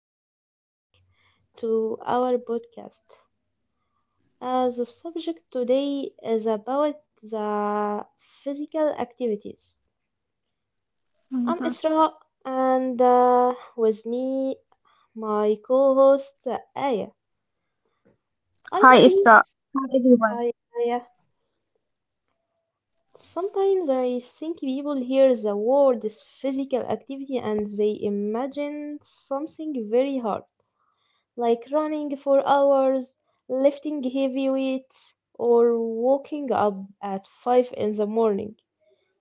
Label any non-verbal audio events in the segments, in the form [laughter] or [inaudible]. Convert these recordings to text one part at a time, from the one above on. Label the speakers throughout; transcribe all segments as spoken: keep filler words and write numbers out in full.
Speaker 1: Welcome back to our podcast. Uh, the subject today is about the physical activities. I'm
Speaker 2: Hmm.
Speaker 1: Isra, and uh, with me, my co-host uh, Aya. I
Speaker 2: Hi,
Speaker 1: think,
Speaker 2: Isra. Hi, everyone.
Speaker 1: hi, Aya. Sometimes I think people hear the word is physical activity and they imagine something very hard, like running for hours, lifting heavy weights, or waking up at five in the morning.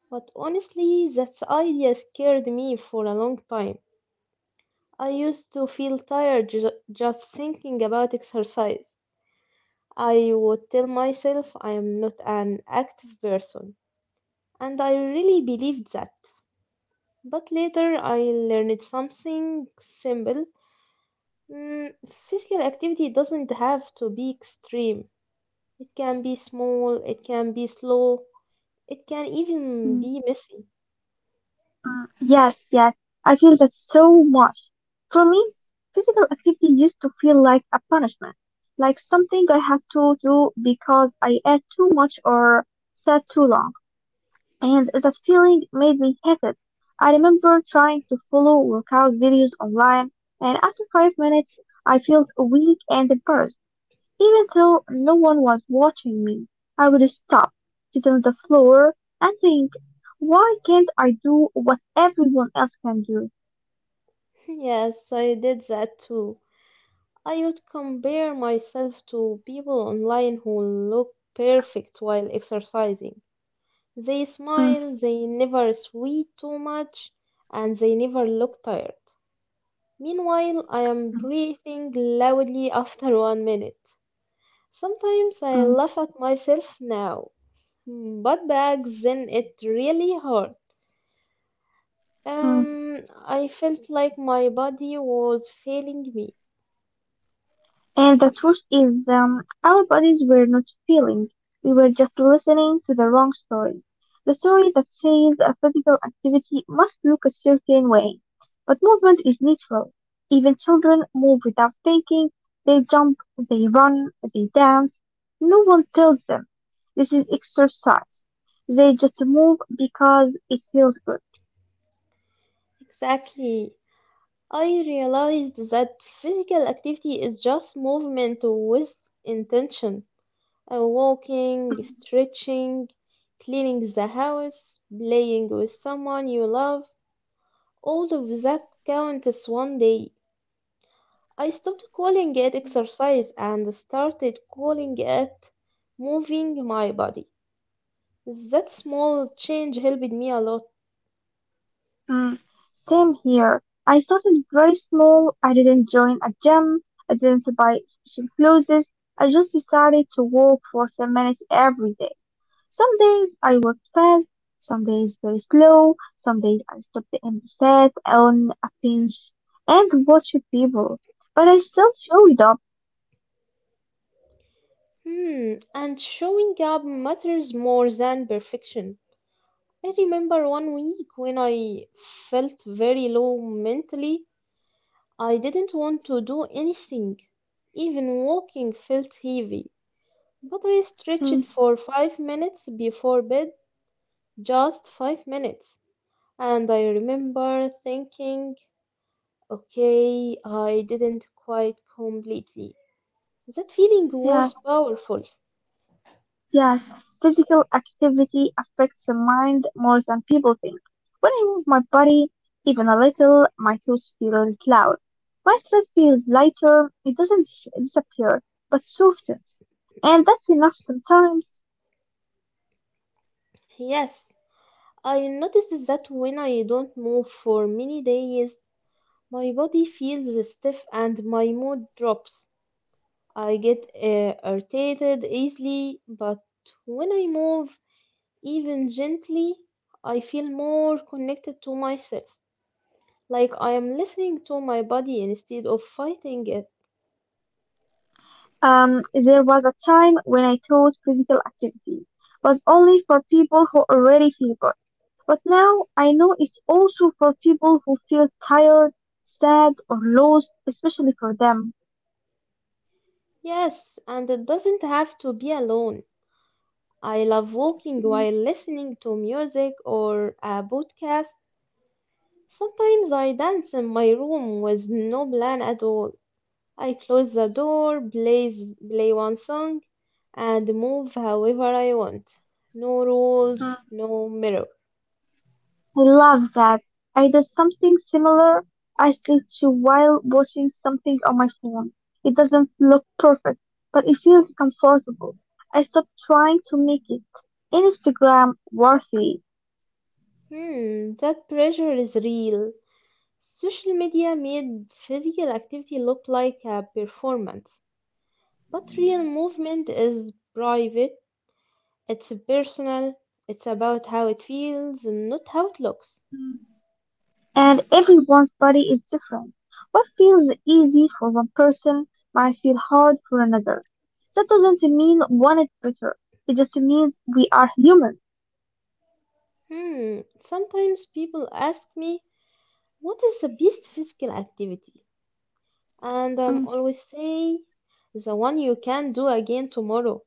Speaker 1: But honestly, that idea scared me for a long time. I used to feel tired ju- just thinking about exercise. I would tell myself I am not an active person, and I really believed that. But later I learned something simple. Mm, Physical activity doesn't have to be extreme. It can be small, it can be slow, it can even
Speaker 2: Mm.
Speaker 1: be messy.
Speaker 2: Yes, yes, I feel that so much. For me, physical activity used to feel like a punishment, like something I had to do because I ate too much or sat too long. And that feeling made me hate it. I remember trying to follow workout videos online, and after five minutes, I felt weak and embarrassed. Even though no one was watching me, I would stop, sit on the floor, and think, why can't I do what everyone else can do?
Speaker 1: [laughs] Yes, I did that too. I would compare myself to people online who look perfect while exercising. They
Speaker 2: Mm,
Speaker 1: smile, they never sweat too much, and they never look tired. Meanwhile, I am breathing loudly after [laughs] one minute. Sometimes I
Speaker 2: mm,
Speaker 1: laugh at myself now, but back then it really hurt.
Speaker 2: mm.
Speaker 1: Um, I felt like my body was failing me.
Speaker 2: And the truth is, um, our bodies were not feeling. We were just listening to the wrong story. The story that says a physical activity must look a certain way. But movement is natural. Even children move without thinking. They jump, they run, they dance. No one tells them. This is exercise. They just move because it feels good.
Speaker 1: Exactly. I realized that physical activity is just movement with intention. Uh, walking, stretching, cleaning the house, playing with someone you love, all of that counts as one day. I stopped calling it exercise and started calling it moving my body. That small change helped me a lot.
Speaker 2: Mm, same here. I started very small. I didn't join a gym. I didn't buy special clothes. I just decided to walk for ten minutes every day. Some days I walked fast, some days very slow, some days I stopped and sat on a bench and watched people. But I still showed up.
Speaker 1: Hmm, and showing up matters more than perfection. I remember one week when I felt very low mentally. I didn't want to do anything. Even walking felt heavy. But I
Speaker 2: Mm,
Speaker 1: stretched for five minutes before bed, just five minutes. And I remember thinking, okay, I didn't quite completely. That feeling
Speaker 2: yeah.
Speaker 1: was powerful.
Speaker 2: Yes, physical activity affects the mind more than people think. When I move my body even a little, my thoughts feels loud. My stress feels lighter. It doesn't s- disappear, but softens. And that's enough sometimes.
Speaker 1: Yes, I noticed that when I don't move for many days, my body feels stiff and my mood drops. I get uh, irritated easily, but when I move, even gently, I feel more connected to myself, like I am listening to my body instead of fighting it.
Speaker 2: Um, there was a time when I thought physical activity was only for people who already feel good. But now I know it's also for people who feel tired, sad, or lost, especially for them.
Speaker 1: Yes, and it doesn't have to be alone. I love walking while listening to music or a podcast. Sometimes I dance in my room with no plan at all. I close the door, play, play one song, and move however I want. No rules, no mirror.
Speaker 2: I love that. I did something similar I week while watching something on my phone. It doesn't look perfect, but it feels comfortable. I stopped trying to make it Instagram worthy,
Speaker 1: Hmm, that pressure is real. Social media made physical activity look like a performance. But real movement is private, it's personal, it's about how it feels, and not how it looks.
Speaker 2: and everyone's body is different. What feels easy for one person might feel hard for another. That doesn't mean one is better. It just means we are human.
Speaker 1: Hmm, sometimes people ask me, "What is the best physical activity?" And I'm
Speaker 2: Mm,
Speaker 1: always say the one you can do again tomorrow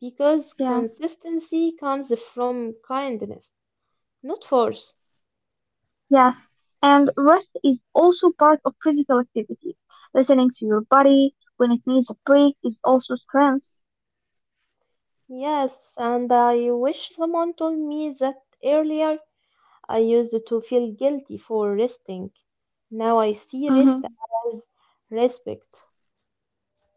Speaker 1: because
Speaker 2: yeah.
Speaker 1: consistency comes from kindness, not force.
Speaker 2: Yes, and rest is also part of physical activity. Listening to your body when it needs a break is also strength.
Speaker 1: Yes, and I wish someone told me that earlier. I used to feel guilty for resting. Now I see rest
Speaker 2: Hmm.
Speaker 1: as respect,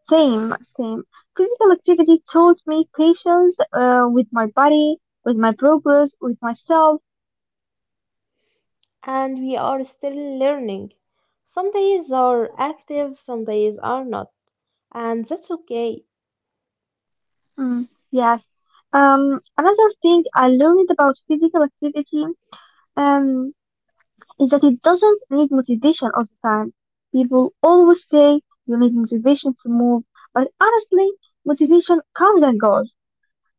Speaker 2: Same, same. Physical activity taught me patience uh, with my body, with my progress, with myself.
Speaker 1: and we are still learning. Some days are active, some days are not, and that's okay.
Speaker 2: Mm, yes. Um, another thing I learned about physical activity um, is that it doesn't need motivation all the time. People always say you need motivation to move, but honestly, motivation comes and goes.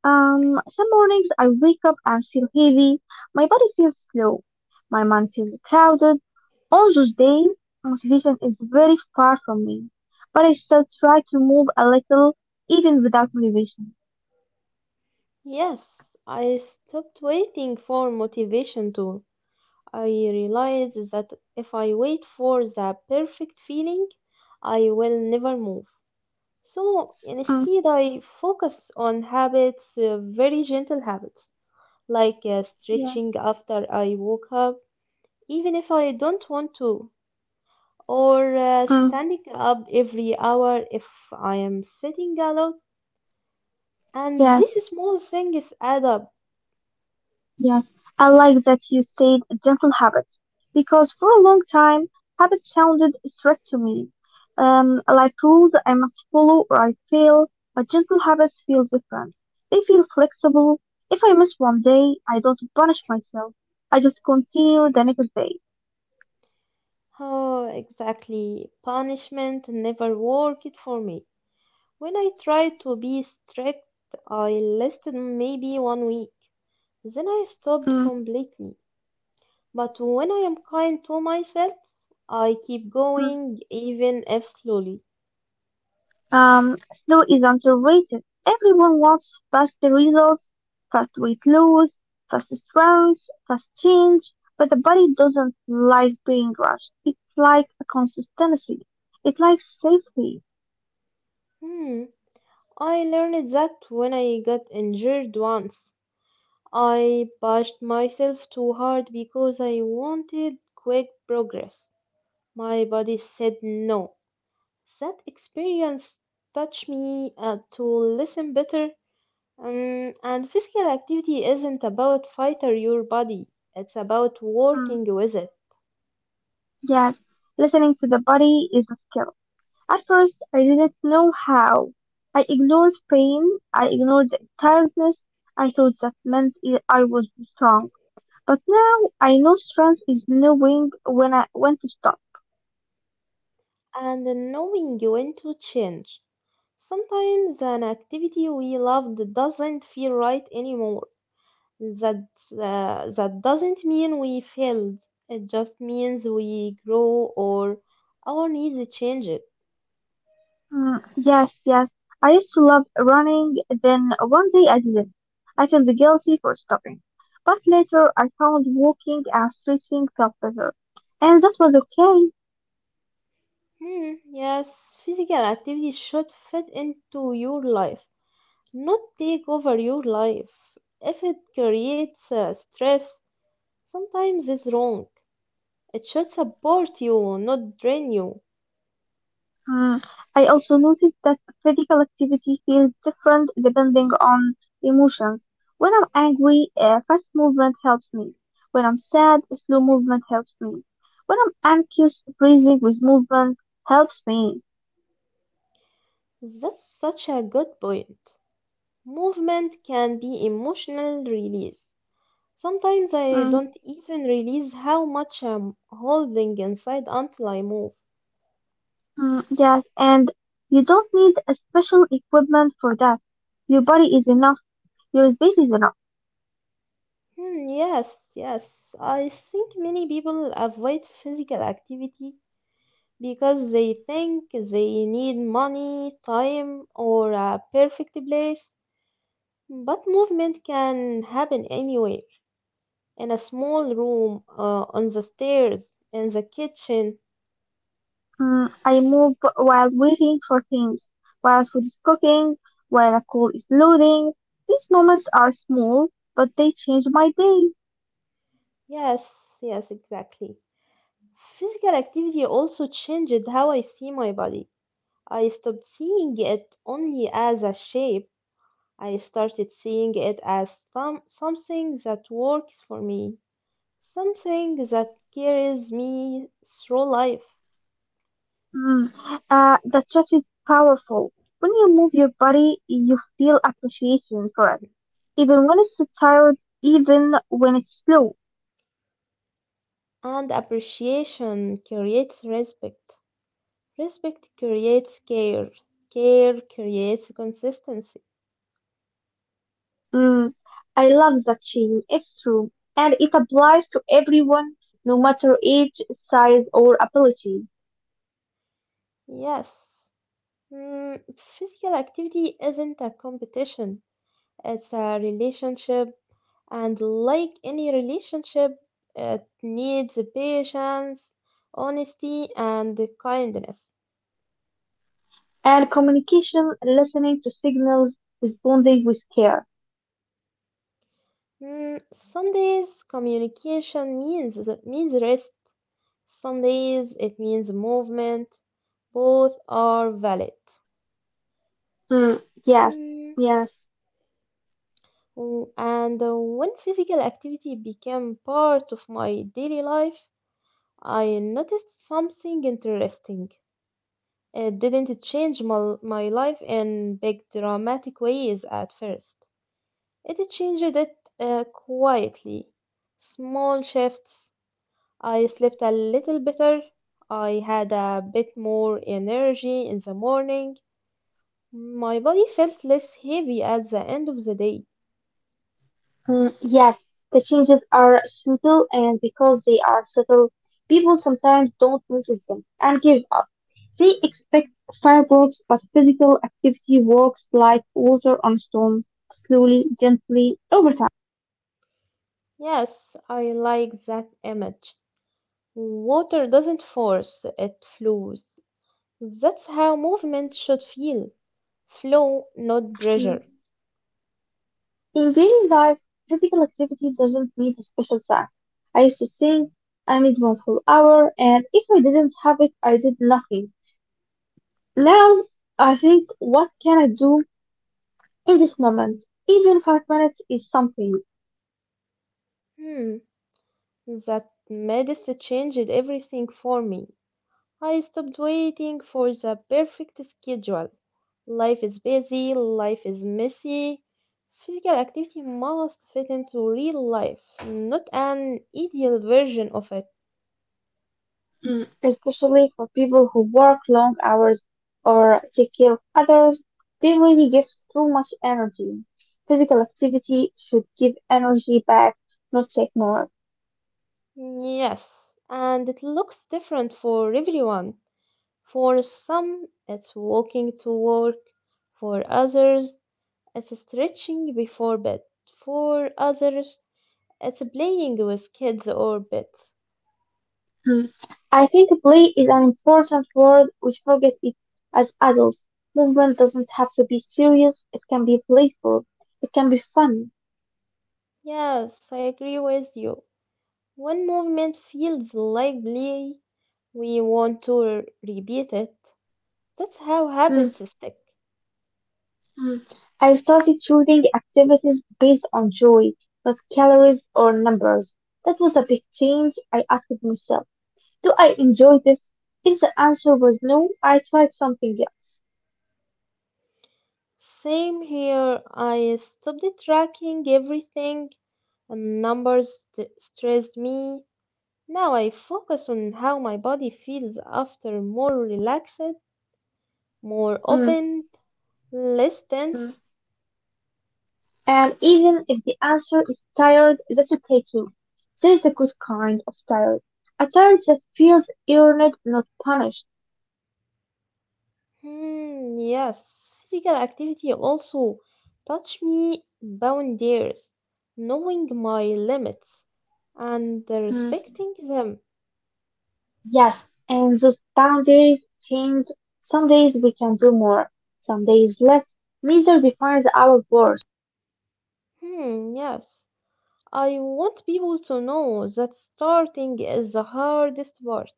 Speaker 2: Um, some mornings I wake up and feel heavy, my body feels slow, my mind feels crowded. On those days, motivation is very far from me, but I still try to move a little even without motivation.
Speaker 1: Yes, I stopped waiting for motivation to. I realized that if I wait for the perfect feeling, I will never move. So
Speaker 2: Mm,
Speaker 1: instead, I focus on habits, uh, very gentle habits, like uh,
Speaker 2: yeah,
Speaker 1: stretching after I woke up, even if I don't want to, or uh,
Speaker 2: mm,
Speaker 1: standing up every hour if I am sitting a lot. And
Speaker 2: yeah.
Speaker 1: these small things add up.
Speaker 2: Yeah, I like that you said gentle habits because for a long time, habits sounded strict to me. Um, like rules I must follow or I fail, but gentle habits feel different. They feel flexible. If I miss one day, I don't punish myself. I just continue the next day.
Speaker 1: Oh, exactly. Punishment never worked for me. When I tried to be strict, I lasted maybe one week. Then I stopped
Speaker 2: Mm.
Speaker 1: completely. But when I am kind to myself, I keep going, even if slowly.
Speaker 2: Um, slow is underrated. Everyone wants fast results, fast weight loss, fast strength, fast change, but the body doesn't like being rushed. It likes a consistency. It likes safety.
Speaker 1: Hmm, I learned that when I got injured once. I pushed myself too hard because I wanted quick progress. My body said no. That experience taught me uh, to listen better. Um, and physical activity isn't about fight or your body. It's about working
Speaker 2: Mm,
Speaker 1: with it
Speaker 2: yes, listening to the body is a skill. At first, I didn't know how. I ignored pain. I ignored tiredness. I thought that meant I I was strong. But now I know strength is knowing when I when to stop.
Speaker 1: and knowing when to change. Sometimes an activity we loved doesn't feel right anymore. That uh, that doesn't mean we failed. It just means we grow or our needs change.
Speaker 2: Mm, yes, yes. I used to love running, then one day I didn't. I felt guilty for stopping. But later I found walking and stretching felt better. And that was okay.
Speaker 1: Hmm, yes, physical activity should fit into your life, not take over your life. If it creates uh, stress, sometimes it's wrong. It should support you, not drain you.
Speaker 2: Mm, I also noticed that physical activity feels different depending on emotions. When I'm angry, uh, fast movement helps me. When I'm sad, slow movement helps me. When I'm anxious, breathing with movement helps me.
Speaker 1: That's such a good point. Movement can be emotional release. Sometimes I
Speaker 2: Mm,
Speaker 1: don't even realize how much I'm holding inside until I move.
Speaker 2: mm, yes, and you don't need a special equipment for that. Your body is enough, your space is enough.
Speaker 1: Hmm, yes, yes. I think many people avoid physical activity because they think they need money, time, or a perfect place. But movement can happen anywhere in a small room, uh, on the stairs, in the kitchen.
Speaker 2: Mm, I move while waiting for things, while food is cooking, while a call is loading. These moments are small, but they change my day.
Speaker 1: Yes, yes, exactly. Physical activity also changed how I see my body. I stopped seeing it only as a shape. I started seeing it as some, something that works for me. Something that carries me through life.
Speaker 2: Mm, uh, the chat is powerful. When you move your body, you feel appreciation for it, even when it's tired, even when it's slow.
Speaker 1: And appreciation creates respect. Respect creates care. Care creates consistency.
Speaker 2: Mm, I love that, Sheen. It's true. And it applies to everyone, no matter age, size, or ability.
Speaker 1: Yes. Mm, Physical activity isn't a competition, it's a relationship. And like any relationship, it needs patience, honesty, and kindness.
Speaker 2: And communication, listening to signals, responding with care.
Speaker 1: Mm, some days communication means means rest. Some days it means movement. Both are valid.
Speaker 2: Mm, yes,
Speaker 1: Mm,
Speaker 2: yes,
Speaker 1: w- And uh, when physical activity became part of my daily life, I noticed something interesting. It didn't change my, my life in big dramatic ways at first. It changed it uh, quietly. Small shifts, I slept a little better. I had a bit more energy in the morning. My body felt less heavy at the end of the day.
Speaker 2: mm, yes. The changes are subtle, and because they are subtle, people sometimes don't notice them and give up. They expect fireworks, but physical activity works like water on stone, slowly, gently, over
Speaker 1: Yes, I like that image. Water doesn't force, it flows. That's how movement should feel. Flow, not pressure.
Speaker 2: time. In daily life, physical activity doesn't need a special time. I used to think I need one full hour, and if I didn't have it, I did nothing. Now I think, what can I do in this moment? Even five minutes is something.
Speaker 1: Hmm, that medicine changed everything for me. I stopped waiting for the perfect schedule. Life is busy, life is messy. Physical activity must fit into real life, not an ideal version of it.
Speaker 2: Mm, especially for people who work long hours or take care of others. They really give too much energy. Physical activity should give energy back, not take more.
Speaker 1: Yes, and it looks different for everyone. For some, it's walking to work, for others, it's stretching before bed, for others, it's playing with kids or pets.
Speaker 2: Hmm. I think play is an important word we forget it as adults. Movement doesn't have to be serious, it can be playful, it can be fun.
Speaker 1: Yes, I agree with you. When movement feels lively, we want to r- repeat it. That's how
Speaker 2: Hmm.
Speaker 1: habits stick.
Speaker 2: Hmm. I started choosing activities based on joy, not calories or numbers. That was a big change. I asked myself, do I enjoy this? If the answer was no, I tried something else.
Speaker 1: Same here, I stopped tracking everything, and numbers st- stressed me. Now I focus on how my body feels after more relaxed, more
Speaker 2: Hmm.
Speaker 1: open, less tense.
Speaker 2: Hmm. And even if the answer is tired, that's okay too. There is a good kind of tired. A tired that feels earned, not punished.
Speaker 1: Hmm, yes, physical activity also touch me boundaries, knowing my limits and
Speaker 2: Mm.
Speaker 1: respecting them.
Speaker 2: Yes, and those boundaries change. Some days we can do more, some days less. Neither defines our worth.
Speaker 1: Hmm, yes, I want people to know that starting is the hardest part.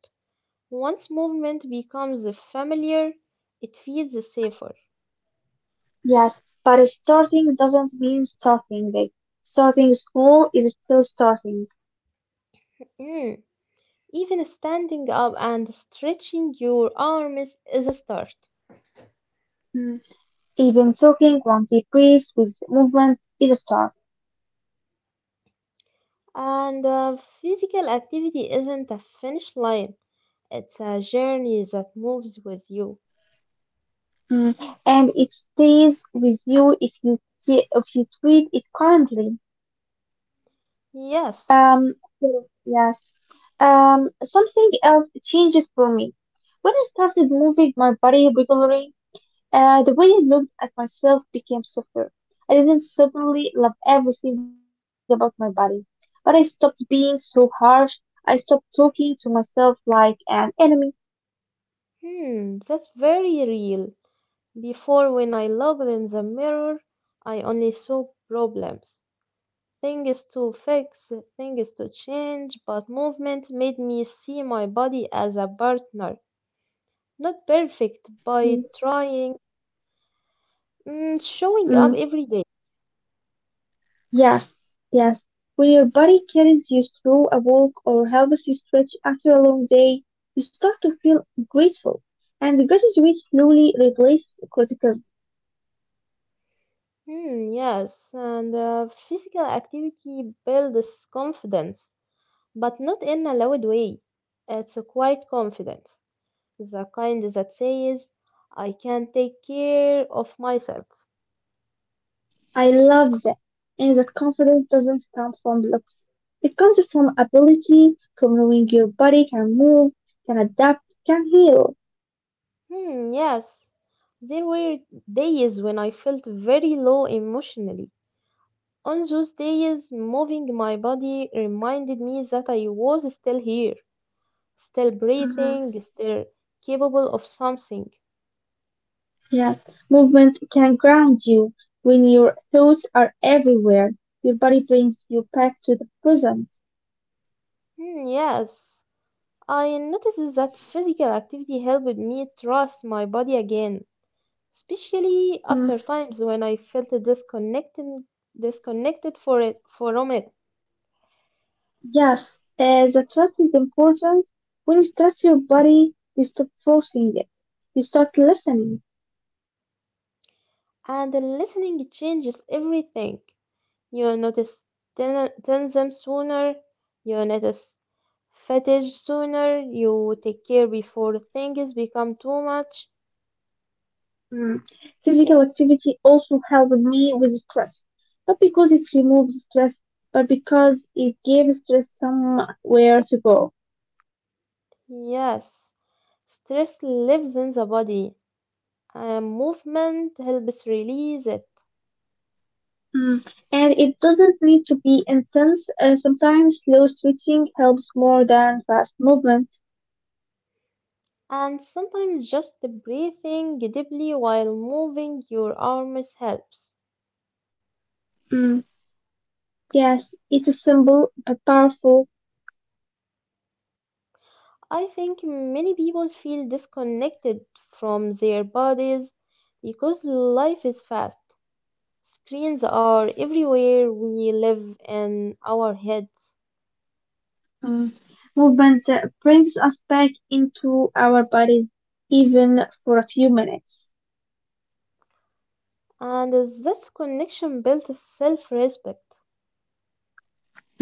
Speaker 1: Once movement becomes familiar, it feels safer.
Speaker 2: Yes, but starting doesn't mean starting big. Starting small is still starting.
Speaker 1: Hmm, Even standing up and stretching your arms is a start.
Speaker 2: Mm. Even talking one deep breath with movement is a start.
Speaker 1: And uh, physical activity isn't a finish line. It's a journey that moves with you.
Speaker 2: Mm, and it stays with you if you t- if you treat it kindly.
Speaker 1: Yes.
Speaker 2: Um, so, yes. Um, something else changes for me. When I started moving my body regularly, uh, the way I looked at myself became softer. I didn't suddenly love everything about my body, but I stopped being so harsh. I stopped talking to myself like an enemy.
Speaker 1: Hmm, that's very real. Before, when I looked in the mirror, I only saw problems, things to fix, things to change, but movement made me see my body as a partner. Not perfect, by
Speaker 2: Mm,
Speaker 1: trying, mm, showing up
Speaker 2: mm.
Speaker 1: every day.
Speaker 2: Yes, yes. When your body carries you through a walk or helps you stretch after a long day, you start to feel grateful. And gratitude slowly replaces criticism.
Speaker 1: Hmm, yes, and uh, physical activity builds confidence. But not in a loud way. It's a quiet confidence, the kind that says, I can take care of myself.
Speaker 2: I love that. And that confidence doesn't come from looks. It comes from ability, from knowing your body can move, can adapt, can heal.
Speaker 1: Hmm, yes, there were days when I felt very low emotionally. On those days, moving my body reminded me that I was still here, still
Speaker 2: Uh-huh.
Speaker 1: breathing, still capable of something.
Speaker 2: Yes. Movement can ground you. When your thoughts are everywhere, your body brings you back to the present.
Speaker 1: Hmm, yes, I noticed that physical activity helped me trust my body again, especially after times when I felt disconnected, disconnected for it, from it.
Speaker 2: Yes, uh, the trust is important. When you trust your body, you stop forcing it. You start listening.
Speaker 1: And the listening changes everything. You notice ten- tension sooner, you notice fatigue sooner, you take care before things become too much.
Speaker 2: Mm. Physical activity also helped me with stress, not because it removes stress, but because it gives stress somewhere to go.
Speaker 1: Yes, stress lives in the body, and movement helps release it.
Speaker 2: Mm. And it doesn't need to be intense. Uh, sometimes slow stretching helps more than fast movement.
Speaker 1: And sometimes just breathing deeply while moving your arms helps.
Speaker 2: Mm. Yes, it is simple but powerful.
Speaker 1: I think many people feel disconnected from their bodies because life is fast. Screens are everywhere, we live in our heads,
Speaker 2: Mm, movement uh, brings us back into our bodies, even for a few minutes.
Speaker 1: and this connection builds self respect.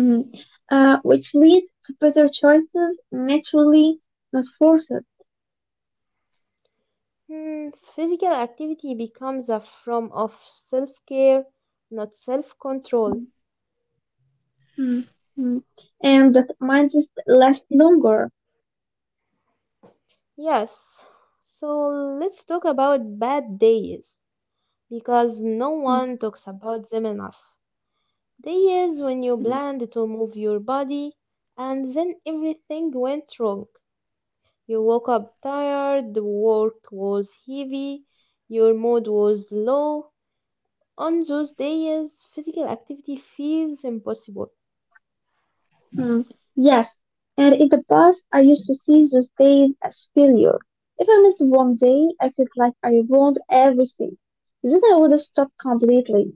Speaker 2: Mm, uh, which leads to better choices naturally, not forced.
Speaker 1: Physical activity becomes a form of self care, not self control.
Speaker 2: Mm, mm, mm. And that mind is left longer.
Speaker 1: Yes, so let's talk about bad days because no
Speaker 2: Mm,
Speaker 1: one talks about them enough. They when you
Speaker 2: mm,
Speaker 1: planned to move your body and then everything went wrong. You woke up tired, the work was heavy, your mood was low. On those days, physical activity feels impossible.
Speaker 2: mm. Yes, and in the past, I used to see those days as failure. If I missed one day, I felt like I ruined everything. Then I would stop completely.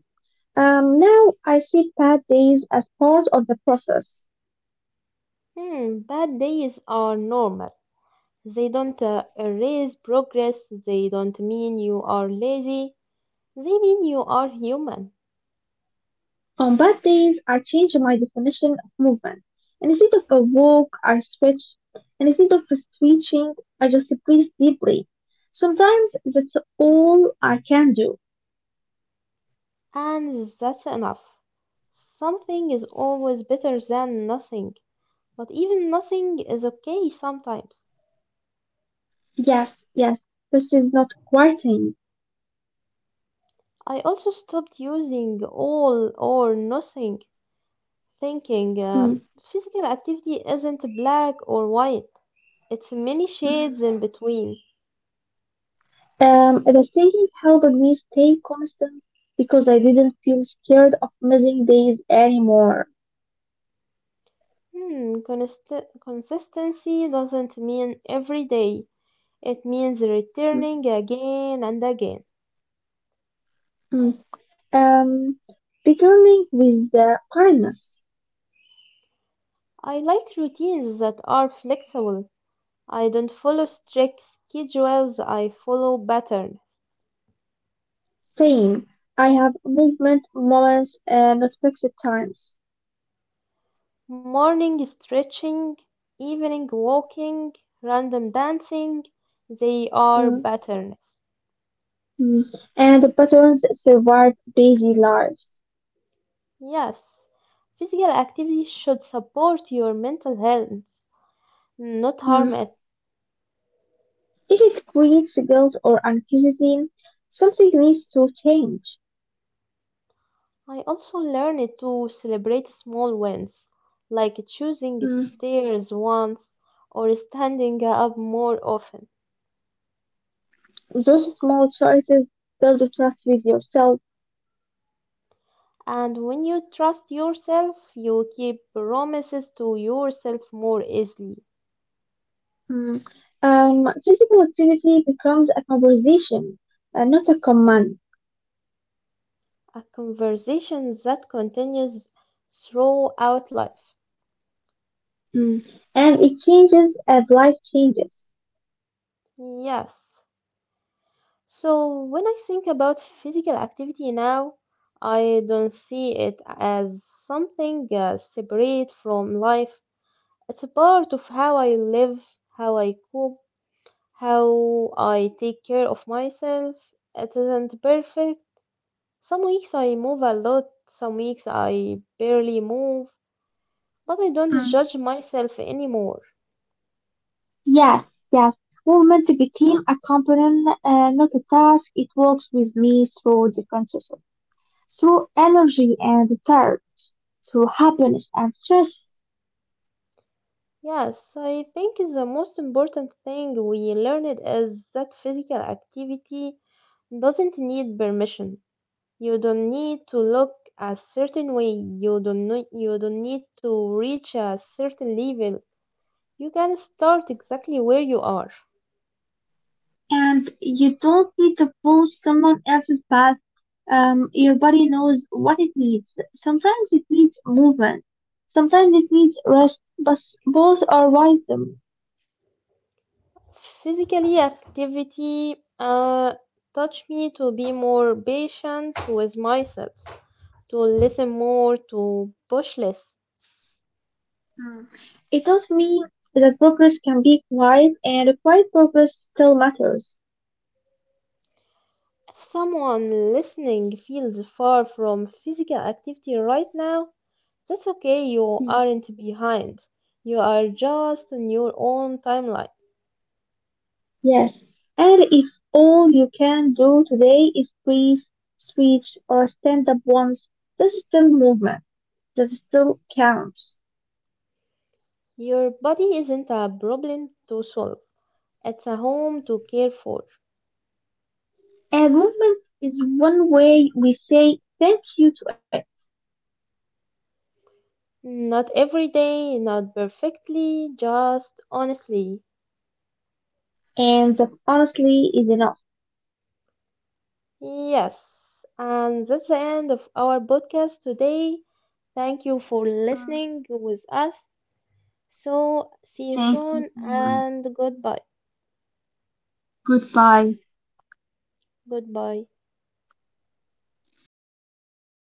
Speaker 2: Um, now I see bad days as part of the process.
Speaker 1: Hmm, bad days are normal. They don't uh, erase progress, they don't mean you are lazy, they mean you are human.
Speaker 2: On bad days, I change my definition of movement. Instead of a walk, I stretch. Instead of stretching, I just breathe deeply. Sometimes that's all I can do.
Speaker 1: And that's enough. Something is always better than nothing. But even nothing is okay sometimes.
Speaker 2: Yes, yes, this is not quieting.
Speaker 1: I also stopped using all or nothing thinking. Um
Speaker 2: Mm.
Speaker 1: physical activity isn't black or white, it's many shades
Speaker 2: Mhm.
Speaker 1: in between.
Speaker 2: Um, the thinking helped me stay constant because I didn't feel scared of missing days anymore.
Speaker 1: Hmm, const- consistency doesn't mean every day, it means returning again and again.
Speaker 2: Mm. Um, Beginning with the kindness,
Speaker 1: I like routines that are flexible. I don't follow strict schedules, I follow patterns.
Speaker 2: saying, I have movement moments and not fixed times.
Speaker 1: Morning stretching, evening walking, random dancing, they are
Speaker 2: Mm,
Speaker 1: patterns.
Speaker 2: mm. And the patterns survive busy lives.
Speaker 1: Yes, physical activity should support your mental health, not
Speaker 2: Mm.
Speaker 1: harm it.
Speaker 2: If it creates guilt or anxiety, something needs to change.
Speaker 1: I also learned to celebrate small wins, like choosing
Speaker 2: Mm.
Speaker 1: stairs once or standing up more often.
Speaker 2: Those small choices build trust with yourself.
Speaker 1: And when you trust yourself, you keep promises to yourself more easily.
Speaker 2: Mm. Um, physical activity becomes a conversation, uh, not a command.
Speaker 1: A conversation that continues throughout life.
Speaker 2: Mm. And it changes as life changes.
Speaker 1: Yes. So when I think about physical activity now, I don't see it as something uh, separate from life. It's a part of how I live, how I cope, how I take care of myself. It isn't perfect. Some weeks I move a lot, some weeks I barely move, but I don't
Speaker 2: Mm.
Speaker 1: judge myself anymore.
Speaker 2: Yes, yes. Movement became a component, uh, not a task. It works with me through different systems, through energy and thirst, through happiness and stress.
Speaker 1: Yes, I think the most important thing we learned is that physical activity doesn't need permission. You don't need to look a certain way. You don't need, you don't need to reach a certain level. You can start exactly where you are.
Speaker 2: And you don't need to follow someone else's path. Um, your body knows what it needs. Sometimes it needs movement. Sometimes it needs rest, but both are wisdom.
Speaker 1: Physically activity uh, taught me to be more patient with myself, to listen more, to push less.
Speaker 2: Mm. It taught me that progress can be quiet, and quiet progress still matters.
Speaker 1: If someone listening feels far from physical activity right now, that's okay, you
Speaker 2: Mm.
Speaker 1: aren't behind. You are just on your own timeline.
Speaker 2: Yes. And if all you can do today is breathe, switch, or stand up once, that's still movement. That still counts.
Speaker 1: Your body isn't a problem to solve, it's a home to care for.
Speaker 2: And movement is one way we say thank you to it.
Speaker 1: Not every day, not perfectly, just honestly.
Speaker 2: And that honestly is enough.
Speaker 1: Yes, and that's the end of our podcast today. Thank you for
Speaker 2: Mm.
Speaker 1: listening with us. So, see you
Speaker 2: Thank you
Speaker 1: soon
Speaker 2: so much.
Speaker 1: and goodbye.
Speaker 2: Goodbye.
Speaker 1: Goodbye.